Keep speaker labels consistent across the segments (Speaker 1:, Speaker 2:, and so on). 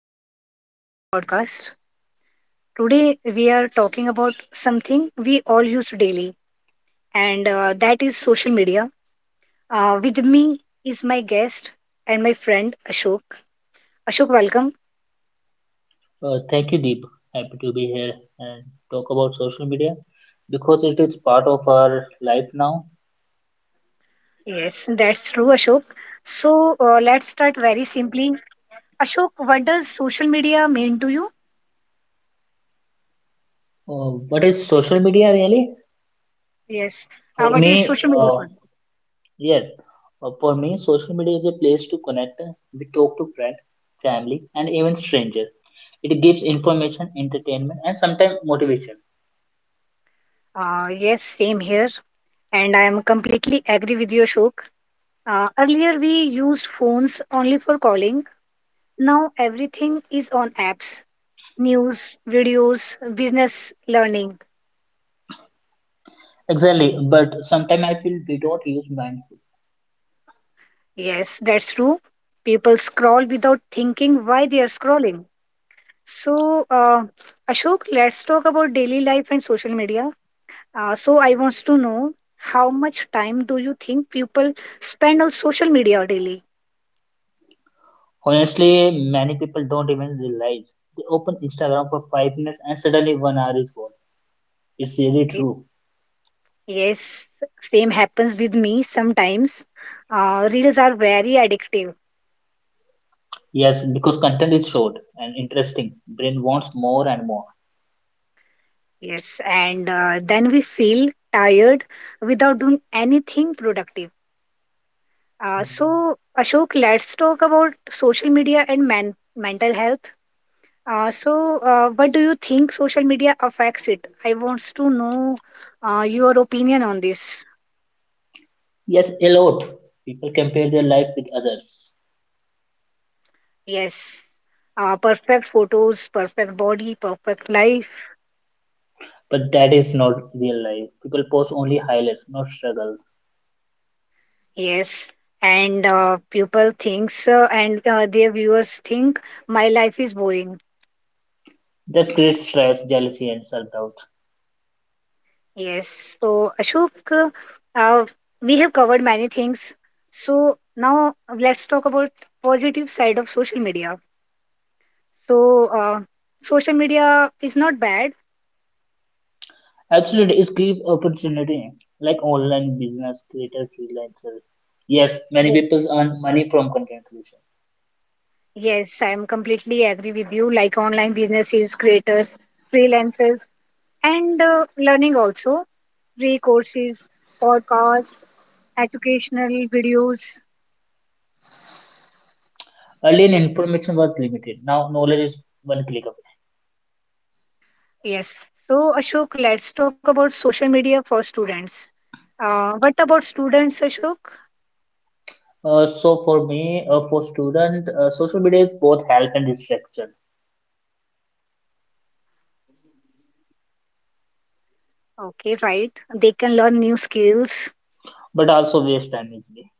Speaker 1: Welcome back to our podcast. Today, we are talking about something we all use daily, and that is social media. With me is my guest and my friend Ashok. Ashok, welcome.
Speaker 2: Thank you, Deep. Happy to be here and talk about social media because it is part of our life now.
Speaker 1: Yes, that's true, Ashok. So, let's start very simply. Ashok, what does social media mean to you?
Speaker 2: What is social media really?
Speaker 1: Yes,
Speaker 2: For
Speaker 1: what is
Speaker 2: me,
Speaker 1: social media for you?
Speaker 2: yes, for me, social media is a place to connect. We talk to friends, family, and even strangers. It gives information, entertainment, and sometimes motivation.
Speaker 1: Yes, same here. And I am completely agree with you, Ashok. Earlier, we used phones only for calling. Now everything is on apps, news, videos, business learning.
Speaker 2: Exactly, but sometimes I feel we don't use mindful.
Speaker 1: Yes, that's true. People scroll without thinking why they are scrolling. So, Ashok, let's talk about daily life and social media. I want to know how much time do you think people spend on social media daily?
Speaker 2: Honestly, many people don't even realize. They open Instagram for 5 minutes and suddenly 1 hour is gone. It's really
Speaker 1: Y-
Speaker 2: true.
Speaker 1: Yes, same happens with me sometimes. Reels are very addictive.
Speaker 2: Yes, because content is short and interesting. Brain wants more and more.
Speaker 1: Yes, and then we feel tired without doing anything productive. Ashok, let's talk about social media and man mental health. What do you think social media affects it? I wants to know your opinion on this.
Speaker 2: Yes, a lot. People compare their life with others.
Speaker 1: Yes, perfect photos, perfect body, perfect life.
Speaker 2: But that is not real life. People post only highlights, not struggles.
Speaker 1: Yes, and people thinks and their viewers think my life is boring.
Speaker 2: That creates stress, jealousy, and self doubt.
Speaker 1: Yes. So, Ashok, uh, we have covered many things. So now let's talk about positive side of social media. So, social media is not bad.
Speaker 2: Absolutely, it's give opportunity like online business creator freelancers. Yes, many
Speaker 1: Yes,
Speaker 2: people earn money from content creation.
Speaker 1: yes, I am completely agree with you. Like online businesses, creators, freelancers, and learning also, free courses, podcasts, educational videos.
Speaker 2: Earlier, information was limited. Now, knowledge is one click away.
Speaker 1: Yes. So, Ashok, let's talk about social media for students. What about students, Ashok?
Speaker 2: So for me, for student, social media is both help and distraction,
Speaker 1: Okay, right. They can learn new skills.
Speaker 2: but also waste time easily.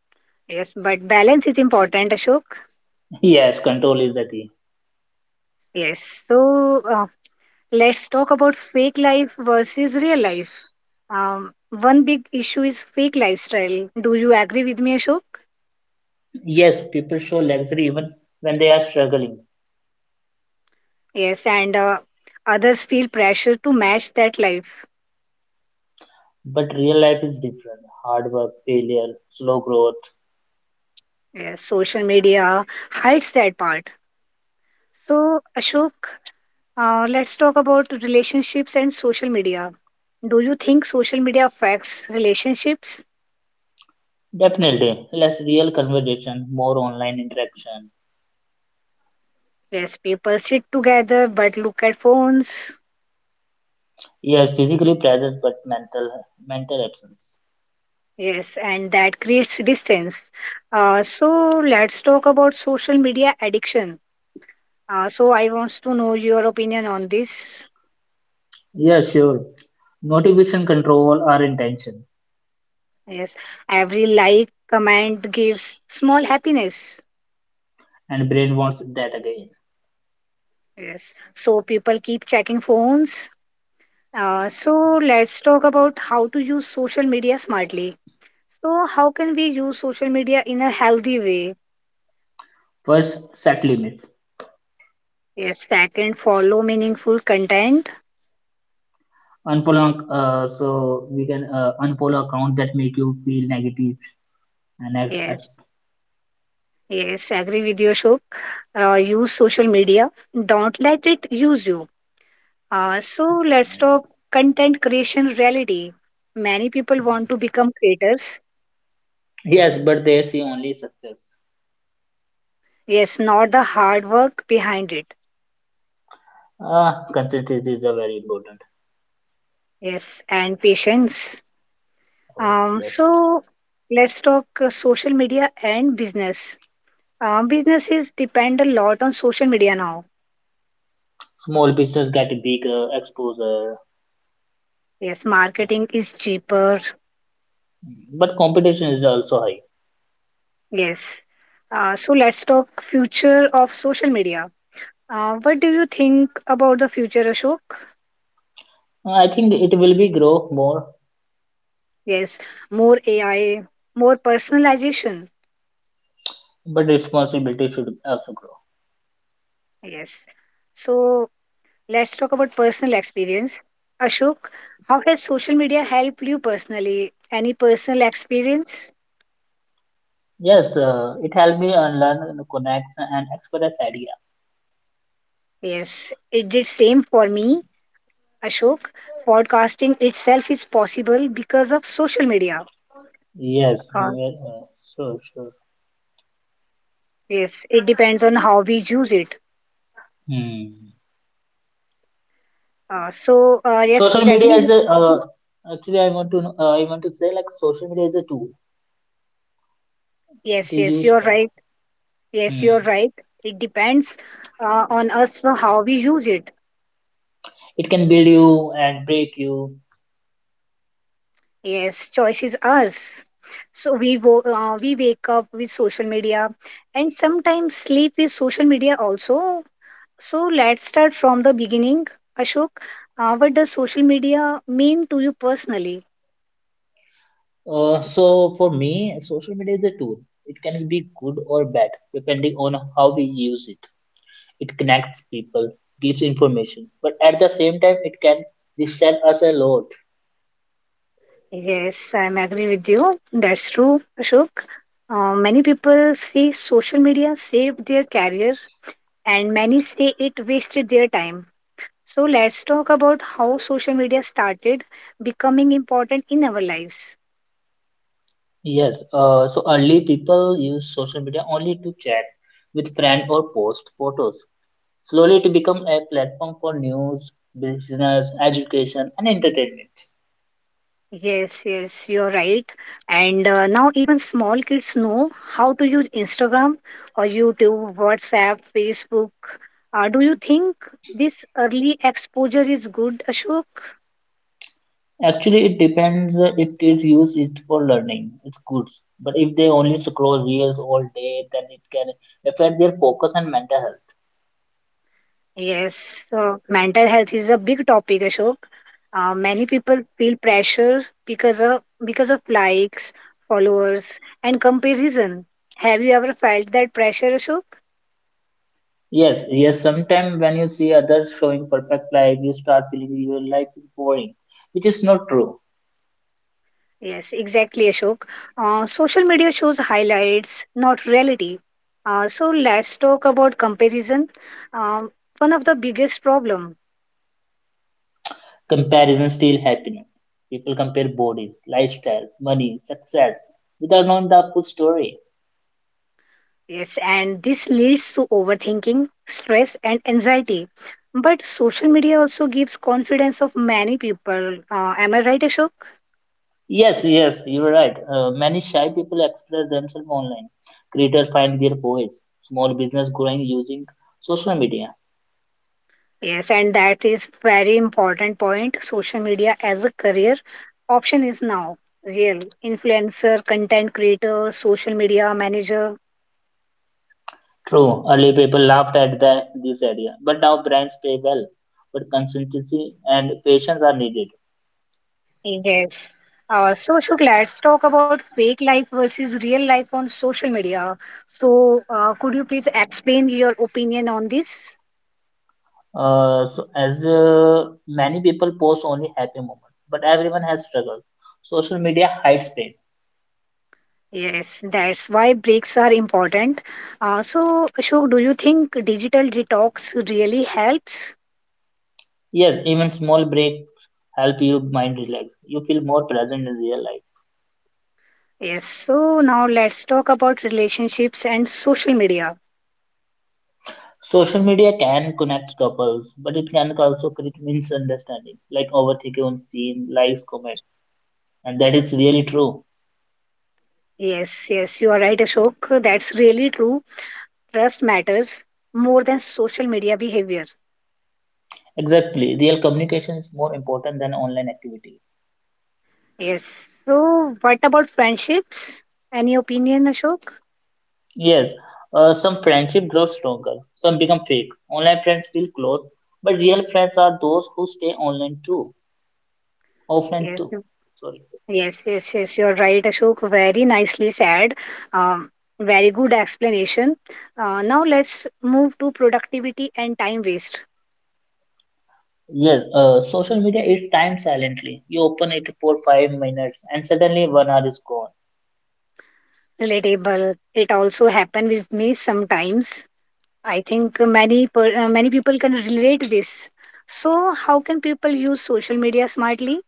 Speaker 1: Yes, but balance is important, Ashok.
Speaker 2: Yes, control is the key.
Speaker 1: Yes. So, let's talk about fake life versus real life. One big issue is fake lifestyle. Do you agree with me, Ashok?
Speaker 2: Yes, people show luxury even when they are struggling,
Speaker 1: Yes, and others feel pressure to match that life.
Speaker 2: but real life is different. Hard work, failure, slow growth.
Speaker 1: Yes, social media hides that part. So, Ashok, let's talk about relationships and social media. Do you think social media affects relationships?
Speaker 2: Definitely, less real conversation, more online interaction.
Speaker 1: Yes, people sit together but look at phones.
Speaker 2: Yes, physically present, but mental absence.
Speaker 1: Yes, and that creates distance. So let's talk about social media addiction. I want to know your opinion on this.
Speaker 2: Yeah, sure. Motivation, control, or intention,
Speaker 1: Yes, every like, comment gives small happiness.
Speaker 2: and brain wants that again.
Speaker 1: Yes, so people keep checking phones. So let's talk about how to use social media smartly. So, how can we use social media in a healthy way?
Speaker 2: First, set limits.
Speaker 1: Yes, second, follow meaningful content.
Speaker 2: Unfollow so we can unfollow account that make you feel negative and
Speaker 1: Yes, yes, agree with you, Shuk. Use social media. Don't let it use you. So let's
Speaker 2: yes.
Speaker 1: talk content creation reality. Many people want
Speaker 2: Mm.
Speaker 1: to become creators.
Speaker 2: Yes, but they see only success.
Speaker 1: Yes, not the hard work behind it.
Speaker 2: Ah, consistency is a very important.
Speaker 1: Yes, and patience.
Speaker 2: Oh, yes.
Speaker 1: So let's talk social media and business. Businesses depend a lot on social media now.
Speaker 2: Small business get bigger exposure,
Speaker 1: Yes, marketing is cheaper.
Speaker 2: but competition is also high.
Speaker 1: Yes. So let's talk future of social media. What do you think about the future, Ashok?
Speaker 2: I think it will be grow more,
Speaker 1: Yes, more AI, more personalization.
Speaker 2: but responsibility should also grow.
Speaker 1: Yes. So let's talk about personal experience. Ashok, how has social media helped you personally? Any personal experience?
Speaker 2: Yes, it helped me unlearn connect and express idea.
Speaker 1: Yes, it did same for me, Ashok. Podcasting itself is possible because of social media.
Speaker 2: Yes,
Speaker 1: Uh,
Speaker 2: sure, sure.
Speaker 1: Yes, it depends on how we use it.
Speaker 2: Hmm.
Speaker 1: Yes,
Speaker 2: Social media
Speaker 1: exactly.
Speaker 2: is a actually I want to know, I want to say, like, social media is a tool. It
Speaker 1: Yes,
Speaker 2: is
Speaker 1: yes,
Speaker 2: used
Speaker 1: you're
Speaker 2: for.
Speaker 1: right. Yes,
Speaker 2: Hmm.
Speaker 1: you're right. It depends on us how we use it.
Speaker 2: It can build you and break you.
Speaker 1: Yes, choice is ours. So we wake up with social media and sometimes sleep with social media also. So let's start from the beginning, Ashok. What does social media mean to you personally?
Speaker 2: So for me, social media is a tool. It can be good or bad depending on how we use it. It connects people, gives information, but at the same time, it can distract us a lot.
Speaker 1: Yes, I'm agree with you. That's true, Ashok. Many people say social media saved their career, and many say it wasted their time. So let's talk about how social media started becoming important in our lives.
Speaker 2: Yes. So early people use social media only to chat with friend or post photos. Slowly to become a platform for news, business, education, and entertainment.
Speaker 1: Yes, yes, you're right. And Now even small kids know how to use Instagram or YouTube, WhatsApp, Facebook. Do you think this early exposure is good, Ashok?
Speaker 2: Actually, it depends if kids use it for learning, it's good. But if they only scroll reels all day, then it can affect their focus and mental health.
Speaker 1: Yes, so mental health is a big topic, Ashok. Many people feel pressure because of likes, followers, and comparison. Have you ever felt that pressure, Ashok?
Speaker 2: Yes, yes, sometimes when you see others showing perfect life, you start feeling your life is boring, which is not true.
Speaker 1: Yes, exactly, Ashok. Social media shows highlights, not reality. Let's talk about comparison. Um, one of the biggest problem.
Speaker 2: Comparison steals happiness. People compare bodies, lifestyle, money, success without knowing the full story.
Speaker 1: Yes, and this leads to overthinking, stress, and anxiety. But social media also gives confidence of many people. Am I right, Ashok?
Speaker 2: Yes, yes, you're right. Many shy people express themselves online. Creators find their voice. Small business growing using social media.
Speaker 1: Yes, and that is very important point. Social media as a career option is now real. Influencer, content creator, social media manager.
Speaker 2: True, early people laughed at the, this idea, but now brands pay well. But consistency and patience are needed.
Speaker 1: Yes. Ashok, let's talk about fake life versus real life on social media. So, could you please explain your opinion on this?
Speaker 2: So as many people post only happy moment, but everyone has struggled. Social media hides pain.
Speaker 1: Yes, that's why breaks are important. Ashok, do you think digital detox really helps?
Speaker 2: Yes, even small breaks help your mind relax. You feel more present in real life.
Speaker 1: Yes. So, now let's talk about relationships and social media.
Speaker 2: Social media can connect couples, but it can also create misunderstanding, like overthinking on scene, likes, comment, and that is really true.
Speaker 1: Yes, yes, you are right, Ashok. That's really true. Trust matters more than social media behavior.
Speaker 2: Exactly, real communication is more important than online activity.
Speaker 1: Yes. So, what about friendships? Any opinion, Ashok?
Speaker 2: Yes, some friendship grows stronger, some become fake. Online friends feel close, but real friends are those who stay online too, offline
Speaker 1: Yes.
Speaker 2: too. Sorry.
Speaker 1: Yes, yes, yes, you're right, Ashok. Very nicely said. Um, very good explanation. Now let's move to productivity and time waste.
Speaker 2: Yes, social media eats time silently. You open it for 5 minutes, and suddenly 1 hour is gone.
Speaker 1: Relatable. It also happen with me sometimes. I think many people can relate this. So how can people use social media smartly?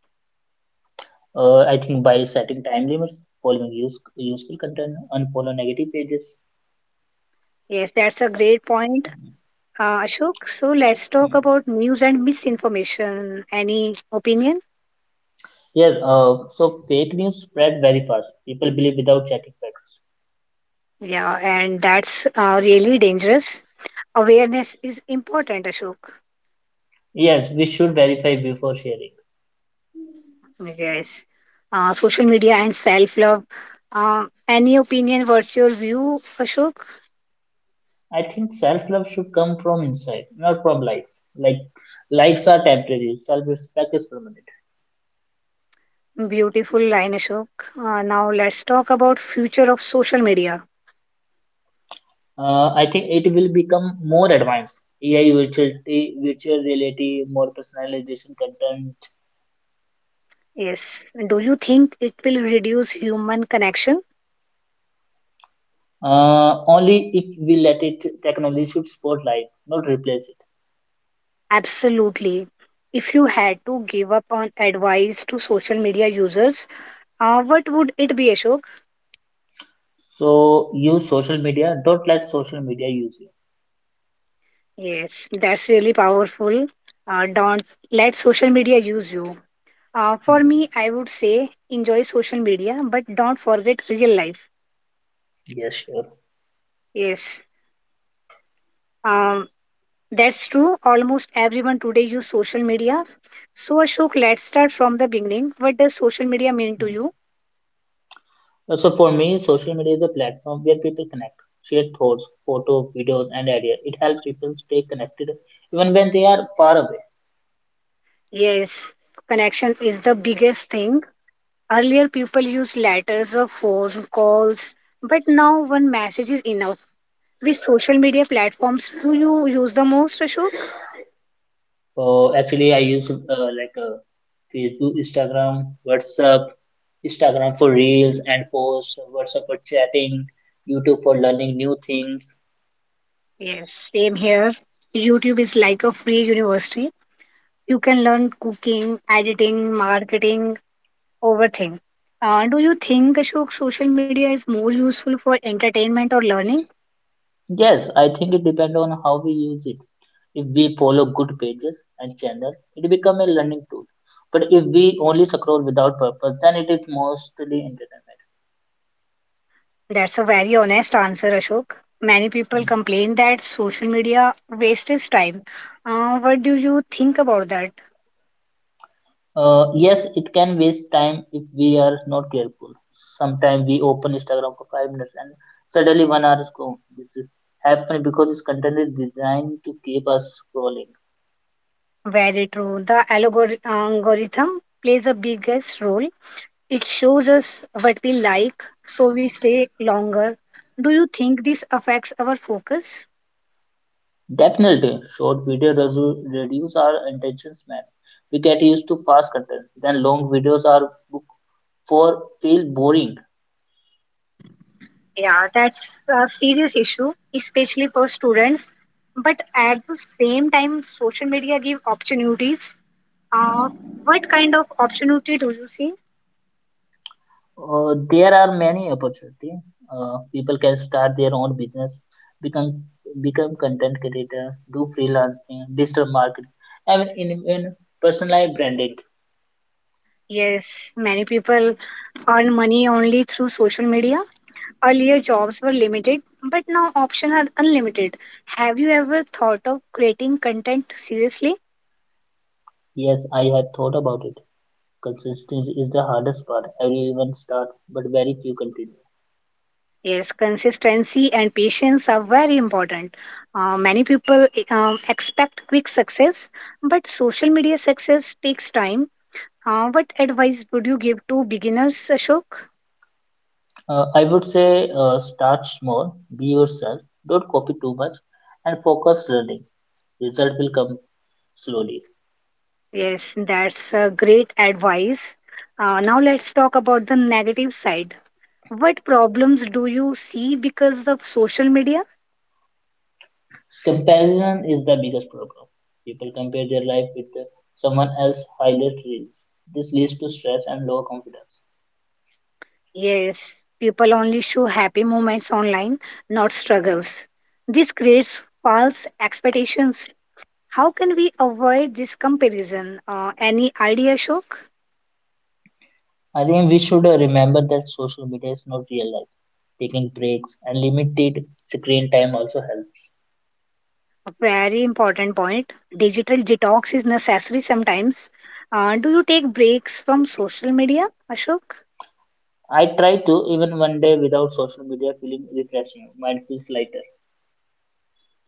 Speaker 2: I think by setting time limits, following useful content, unfollow negative pages.
Speaker 1: Yes, that's a great point, Ashok. So let's talk
Speaker 2: Hmm.
Speaker 1: about news and misinformation. Any opinion?
Speaker 2: Yes, so fake news spread very fast. People believe without checking facts.
Speaker 1: Yeah, and that's really dangerous. Awareness is important, Ashok.
Speaker 2: Yes, we should verify before sharing.
Speaker 1: Yes. Social media and self love. uh, any opinion, what's your view, Ashok?
Speaker 2: I think self-love should come from inside, not from likes. Like likes are temporary, self-respect is permanent.
Speaker 1: Beautiful line, Ashok. Now let's talk about future of social media.
Speaker 2: I think it will become more advanced. AI virtuality, virtual reality, more personalization content,
Speaker 1: Yes. Do you think it will reduce human connection?
Speaker 2: only if we let it. Technology should support life, not replace it.
Speaker 1: Absolutely. If you had to give up on advice to social media users, what would it be, Ashok?
Speaker 2: So use social media, don't let social media use you.
Speaker 1: Yes, that's really powerful. Don't let social media use you. For me,
Speaker 2: Mhm.
Speaker 1: I would say enjoy social media, but don't forget real life.
Speaker 2: Yes, sure.
Speaker 1: Yes, um, that's true. Almost everyone today use social media. So Ashok, let's start from the beginning. What does social media mean to
Speaker 2: Mm.
Speaker 1: you?
Speaker 2: So for me, social media is a platform where people connect, share thoughts, photos, videos, and ideas. It helps people stay connected even when they are far away.
Speaker 1: Yes, connection is the biggest thing. Earlier, people used letters or phone calls, but now one message is enough. Which social media platforms do you use the most, Ashok?
Speaker 2: So actually I use Facebook, Instagram, WhatsApp. Instagram for reels and posts, WhatsApp for chatting, YouTube for learning new things.
Speaker 1: Yes, same here. YouTube is like a free university. You can learn cooking, editing, marketing, overthink. Do you think, Ashok, social media is more useful for entertainment or learning?
Speaker 2: Yes, I think it depends on how we use it. If we follow good pages and channels, it becomes a learning tool. But if we only scroll without purpose, then it is mostly entertainment.
Speaker 1: That's a very honest answer, Ashok. Many people
Speaker 2: Mm.
Speaker 1: complain that social media wastes time. What do you think about that?
Speaker 2: Yes, it can waste time if we are not careful. Sometimes we open Instagram for 5 minutes and suddenly 1 hour is gone. This is happening because this content is designed to keep us scrolling.
Speaker 1: Very true. The algorithm plays a biggest role. It shows us what we like, so we stay longer. Do you think this affects our focus?
Speaker 2: Definitely, reduce our attention span. We get used to fast content, then long videos are book for feel boring.
Speaker 1: Yeah, that's a serious issue, especially for students. But at the same time, social media give opportunities. Uh, what kind of opportunity do you see?
Speaker 2: There are many opportunities. People can start their own business, become become content creator, do freelancing, digital marketing, and in personalized branding.
Speaker 1: Yes, many people earn money only through social media. Earlier, jobs were limited, but now options are unlimited. Have you ever thought of creating content seriously?
Speaker 2: Yes, I have thought about it. Consistency is the hardest part. Everyone start, but very few continue.
Speaker 1: Yes, consistency and patience are very important. Many people expect quick success, but social media success takes time. What advice would you give to beginners, Ashok?
Speaker 2: I would say start small, be yourself, don't copy too much, and focus learning. Result will come slowly.
Speaker 1: Yes, that's great advice. Now let's talk about the negative side. What problems do you see because of social media?
Speaker 2: Comparison is the biggest problem. People compare their life with someone else's highlight reels. This leads to stress and lower confidence.
Speaker 1: Yes, people only show happy moments online, not struggles. This creates false expectations. How can we avoid this comparison? Any idea, Shok?
Speaker 2: I think we should remember that social media is not real life. Taking breaks and limited screen time also helps.
Speaker 1: A very important point. Digital detox is necessary sometimes. Do you take breaks from social media, Ashok?
Speaker 2: I try to, even one day without social media feeling refreshing. Mind feels lighter.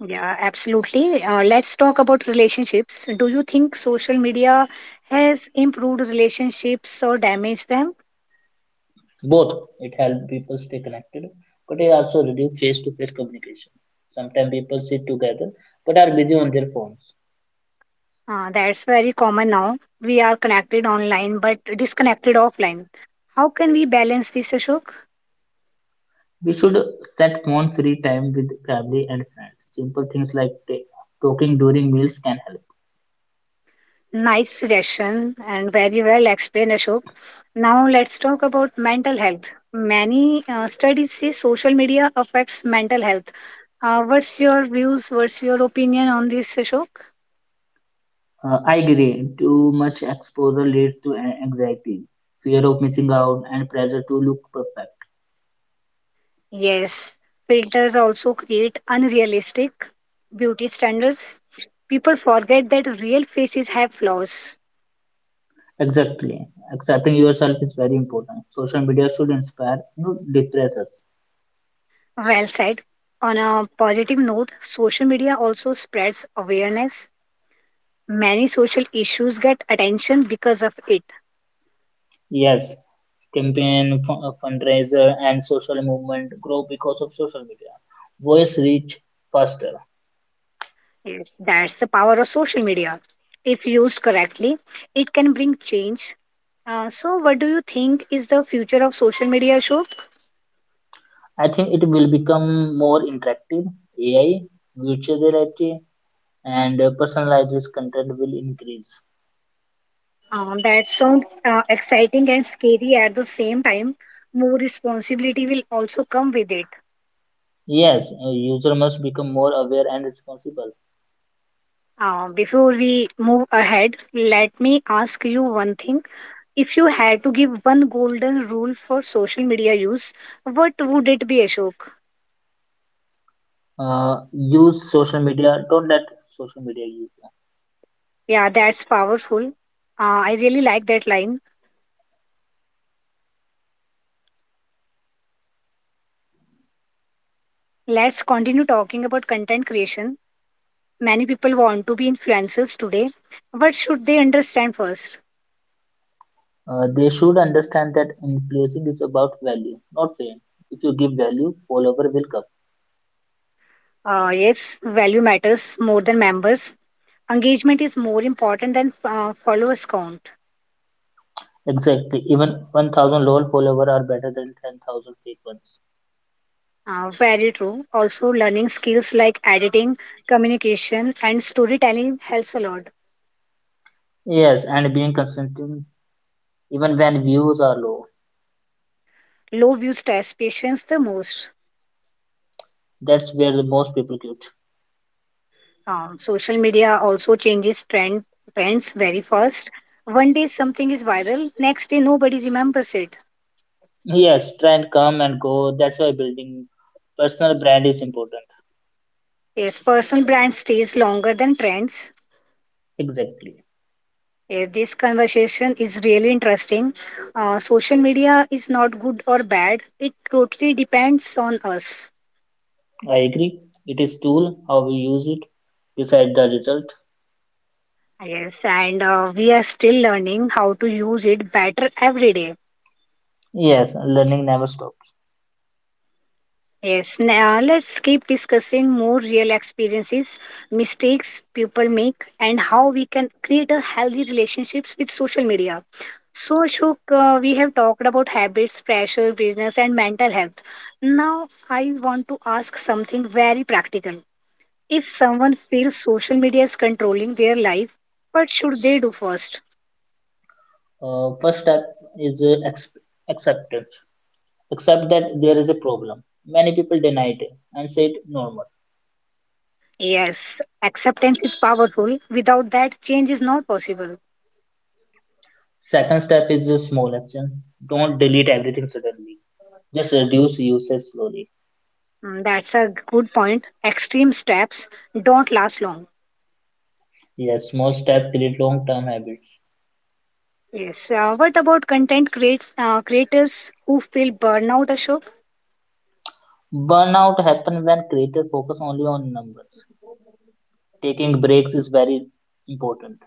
Speaker 1: Yeah, absolutely. Let's talk about relationships. Do you think social media has improved relationships or damaged them?
Speaker 2: Both, it helps people stay connected, but it also reduce face-to-face communication. Sometimes people sit together but are busy on their phones.
Speaker 1: That's very common now. We are connected online but disconnected offline. How can we balance this, Ashok?
Speaker 2: We should set phone free time with family and friends. Simple things like talking during meals can help.
Speaker 1: Nice suggestion and very well explained, Ashok. Now let's talk about mental health. Many studies say social media affects mental health. What's your views? What's your opinion on this, Ashok?
Speaker 2: I agree, too much exposure leads to anxiety, fear of missing out, and pressure to look perfect.
Speaker 1: Yes, filters also create unrealistic beauty standards. People forget that real faces have flaws.
Speaker 2: Exactly, accepting yourself is very important. Social media should inspire, not depress us.
Speaker 1: Well said. On a positive note, social media also spreads awareness. Many social issues get attention because of it.
Speaker 2: Yes, fundraiser, and social movement grow because of social media. Voice reach faster.
Speaker 1: Yes, that's the power of social media. If used correctly, it can bring change. What do you think is the future of social media, Ashok?
Speaker 2: I think it will become more interactive. AI, virtual reality, and personalized content will increase.
Speaker 1: That sounds exciting and scary at the same time. More responsibility will also come with it.
Speaker 2: Yes, a user must become more aware and responsible.
Speaker 1: Before we move ahead, let me ask you one thing. If you had to give one golden rule for social media use, what would it be, Ashok?
Speaker 2: Use social media. Don't let social media use you.
Speaker 1: Yeah, that's powerful. I really like that line. Let's continue talking about content creation. Many people want to be influencers today. What should they understand first?
Speaker 2: They should understand that influencing is about value, not fame. If you give value, follower will come.
Speaker 1: Yes, value matters more than members. Engagement is more important than followers count.
Speaker 2: Exactly. Even 1000 LOL followers are better than 10,000 fake ones.
Speaker 1: Very true. Also, learning skills like editing, communication, and storytelling helps a lot.
Speaker 2: Yes, and being consistent even when views are low.
Speaker 1: Low views test patience the most.
Speaker 2: That's where the most people quit.
Speaker 1: Social media also changes trends very fast. One day something is viral, next day nobody remembers it
Speaker 2: Yes, trend come and go. That's why building personal brand is important.
Speaker 1: Yes, personal brand stays longer than trends.
Speaker 2: Exactly.
Speaker 1: Yeah, this conversation is really interesting. Social media is not good or bad. It totally depends on us.
Speaker 2: I agree. It is tool, how we use it, decide the result.
Speaker 1: Yes, and we are still learning how to use it better every day.
Speaker 2: Yes, learning never stops.
Speaker 1: Yes, now let's keep discussing more real experiences, mistakes people make, and how we can create a healthy relationships with social media. So, Ashok, we have talked about habits, pressure, business, and mental health. Now, I want to ask something very practical. If someone feels social media is controlling their life, what should they do first?
Speaker 2: First step is acceptance. Accept that there is a problem. Many people deny it and say it normal.
Speaker 1: Yes, acceptance is powerful. Without that, change is not possible.
Speaker 2: Second step is a small action. Don't delete everything suddenly. Just reduce usage slowly.
Speaker 1: Mm, that's a good point. Extreme steps don't last long.
Speaker 2: Yes, small steps create long-term habits.
Speaker 1: Yes. What about content creates, creators who feel burnout, Ashok?
Speaker 2: Burnout happens when creators focus only on numbers. Taking breaks is very important.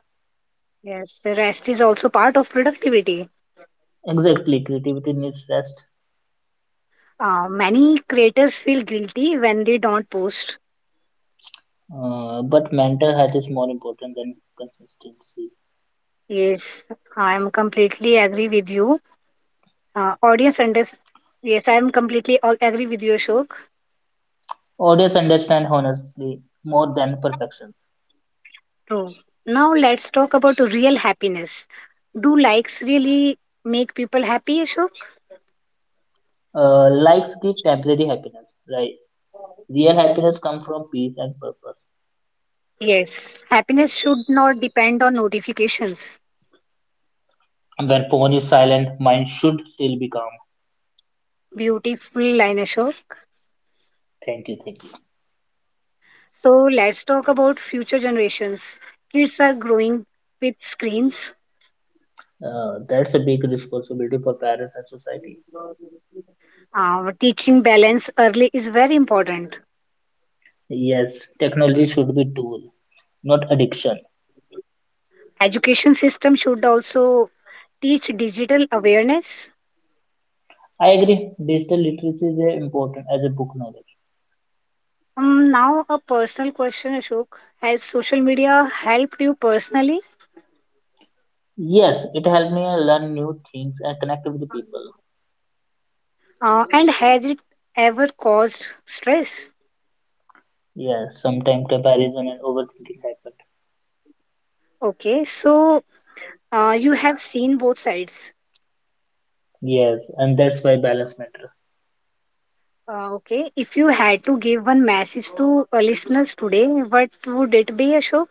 Speaker 1: Yes, rest is also part of productivity.
Speaker 2: Exactly, creativity needs rest,
Speaker 1: Many creators feel guilty when they don't post.
Speaker 2: but mental health is more important than consistency.
Speaker 1: Yes, I am completely agree with you. Audience under yes, I am completely all agree with you, Ashok.
Speaker 2: Audience understand honestly more than perfections.
Speaker 1: True. Now let's talk about real happiness. Do likes really make people happy, Ashok?
Speaker 2: Likes give temporary happiness, right? Real happiness comes from peace and purpose.
Speaker 1: Yes, happiness should not depend on notifications.
Speaker 2: When phone is silent, mind should still be calm.
Speaker 1: Beautiful, Linusha.
Speaker 2: Thank you, thank you.
Speaker 1: So let's talk about future generations. Kids are growing with screens.
Speaker 2: That's a big responsibility for parents and society.
Speaker 1: Teaching balance early is very important.
Speaker 2: Yes, technology should be tool, not addiction.
Speaker 1: Education system should also teach digital awareness.
Speaker 2: I agree. Digital literacy is important as a book knowledge.
Speaker 1: Now a personal question, Ashok. Has social media helped you personally?
Speaker 2: Yes, it helped me learn new things and connect with the people.
Speaker 1: And has it ever caused stress?
Speaker 2: Yes, sometimes comparison and overthinking happen.
Speaker 1: Okay, so you have seen both sides.
Speaker 2: Yes, and that's why balance matter.
Speaker 1: Okay, if you had to give one message to listeners today, what would it be, Ashok?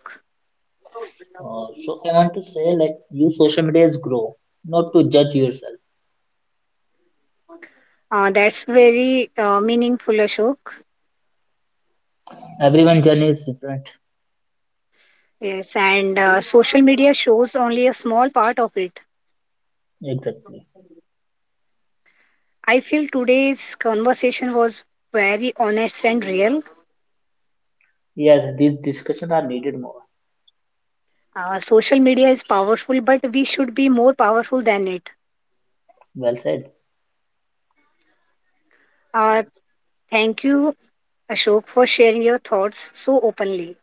Speaker 2: I want to say, like, use social media as grow, not to judge yourself.
Speaker 1: That's very meaningful, Ashok.
Speaker 2: Everyone journey is different.
Speaker 1: Yes, and social media shows only a small part of it.
Speaker 2: Exactly.
Speaker 1: I feel today's conversation was very honest and real.
Speaker 2: Yes, these discussions are needed more.
Speaker 1: Social media is powerful, but we should be more powerful than it.
Speaker 2: Well said.
Speaker 1: Uh, Thank you, Ashok, for sharing your thoughts so openly.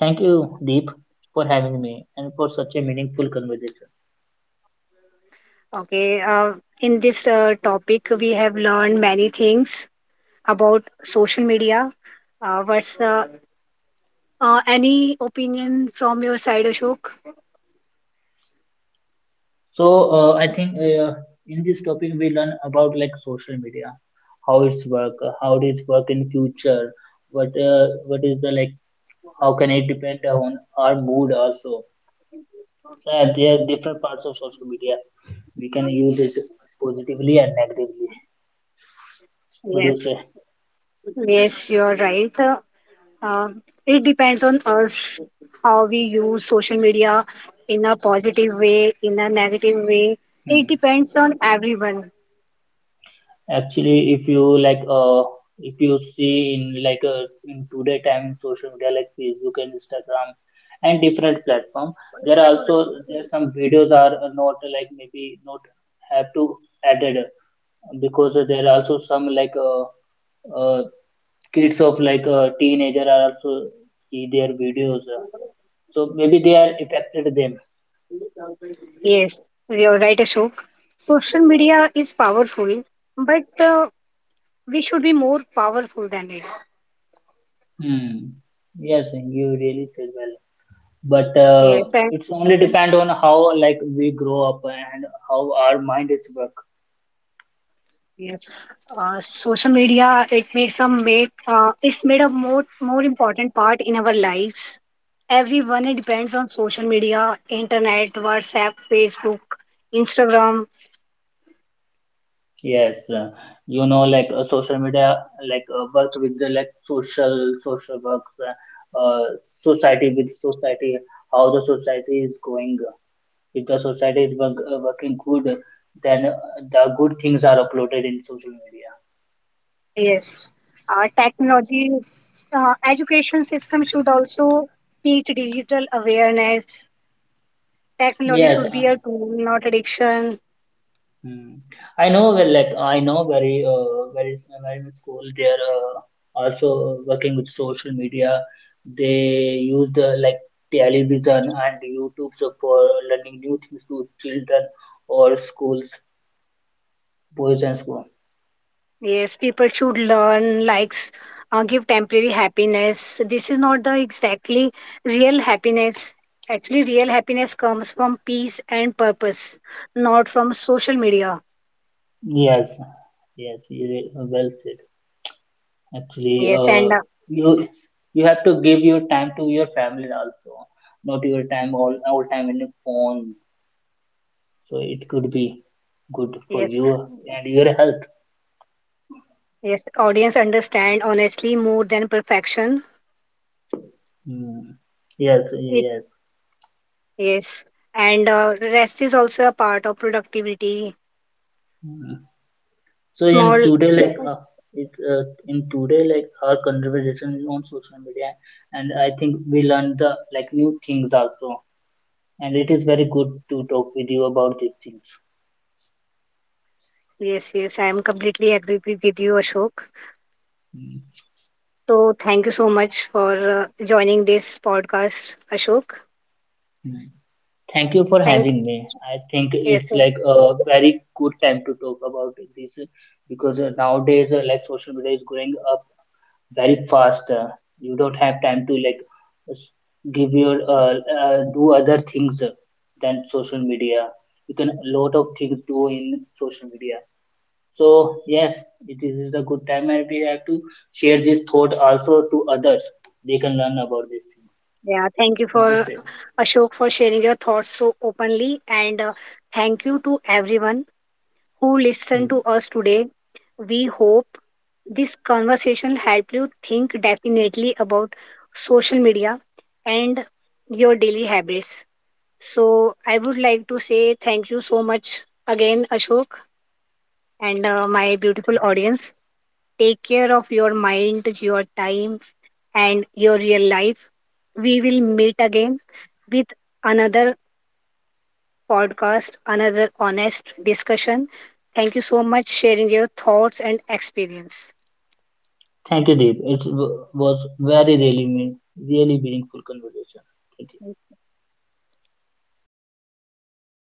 Speaker 2: Thank you, Deep, for having me and for such a meaningful conversation.
Speaker 1: Okay, in this topic, we have learned many things about social media. What's Any opinion from your side, Ashok?
Speaker 2: I think in this topic we learn about like social media, how it's work, how it work in future, what is the like, how can it depend on our mood also. So, yeah, there are different parts of social media. We can use it positively and negatively. What do you
Speaker 1: Yes,
Speaker 2: say?
Speaker 1: yes, you're right. Uh, it depends on us how we use social media in a positive way, in a negative way. It
Speaker 2: Hmm.
Speaker 1: depends on everyone.
Speaker 2: Actually, if you like, if you see in like in today time in social media like Facebook and Instagram and different platform, there are some videos are not like maybe not have to added because there are also some like uh, kids of like teenager are also see their videos, so maybe they are affected them.
Speaker 1: Yes, you're right, Ashok. Social media is powerful, but we should be more powerful than it.
Speaker 2: Hmm. Yes, you really said well. But
Speaker 1: Yes, and
Speaker 2: it's only depend on how like we grow up and how our mind is work.
Speaker 1: yes, social media it's made a more important part in our lives. Everyone it depends on social media, internet, WhatsApp, Facebook, Instagram.
Speaker 2: Yes, you know, like social media like work with the like social works, society with society, how the society is going. If the society is work, working good, then the good things are uploaded in social media.
Speaker 1: Yes, uh, technology, education system should also teach digital awareness. Technology
Speaker 2: Yes,
Speaker 1: should be a tool, not addiction.
Speaker 2: Hmm. I know well, like I know very I'm school they are also working with social media. They use the like television and YouTube so for learning new things to children or schools, boys and school.
Speaker 1: Yes, people should learn likes give temporary happiness. This is not the exactly real happiness. Actually, real happiness comes from peace and purpose, not from social media.
Speaker 2: Yes, yes, well said. Actually,
Speaker 1: Yes, and
Speaker 2: you you have to give your time to your family also, not your time all time in the phone. So it could be good for
Speaker 1: yes,
Speaker 2: you and your health.
Speaker 1: yes, audience understand honestly more than perfection.
Speaker 2: Mm. Yes,
Speaker 1: Yes,
Speaker 2: yes.
Speaker 1: yes, and rest is also a part of productivity.
Speaker 2: Mm. So in
Speaker 1: Small.
Speaker 2: today, like it's in today, like our conversation is on social media, and I think we learn the like new things also, and it is very good to talk with you about these things.
Speaker 1: Yes, yes, I am completely agree with you, Ashok.
Speaker 2: Mm.
Speaker 1: So thank you so much for joining this podcast, Ashok.
Speaker 2: Thank you for
Speaker 1: Thanks.
Speaker 2: having me. I think
Speaker 1: Yes,
Speaker 2: it's
Speaker 1: sir.
Speaker 2: like a very good time to talk about this because nowadays, like social media is growing up very fast. You don't have time to like s- give your do other things than social media. You can a lot of things do in social media. So yes, it is a good time, and we have to share this thought also to others. They can learn about this thing.
Speaker 1: Yeah, thank you
Speaker 2: What
Speaker 1: for
Speaker 2: do you say?
Speaker 1: Ashok for sharing your thoughts so openly, and thank you to everyone who listened
Speaker 2: Hmm.
Speaker 1: to us today. We hope this conversation helped you think definitely about social media and your daily habits. So I would like to say thank you so much again, Ashok, and my beautiful audience. Take care of your mind, your time, and your real life. We will meet again with another podcast, another honest discussion. Thank you so much sharing your thoughts and experience.
Speaker 2: Thank you, Deep. It was really meaningful conversation. Thank you.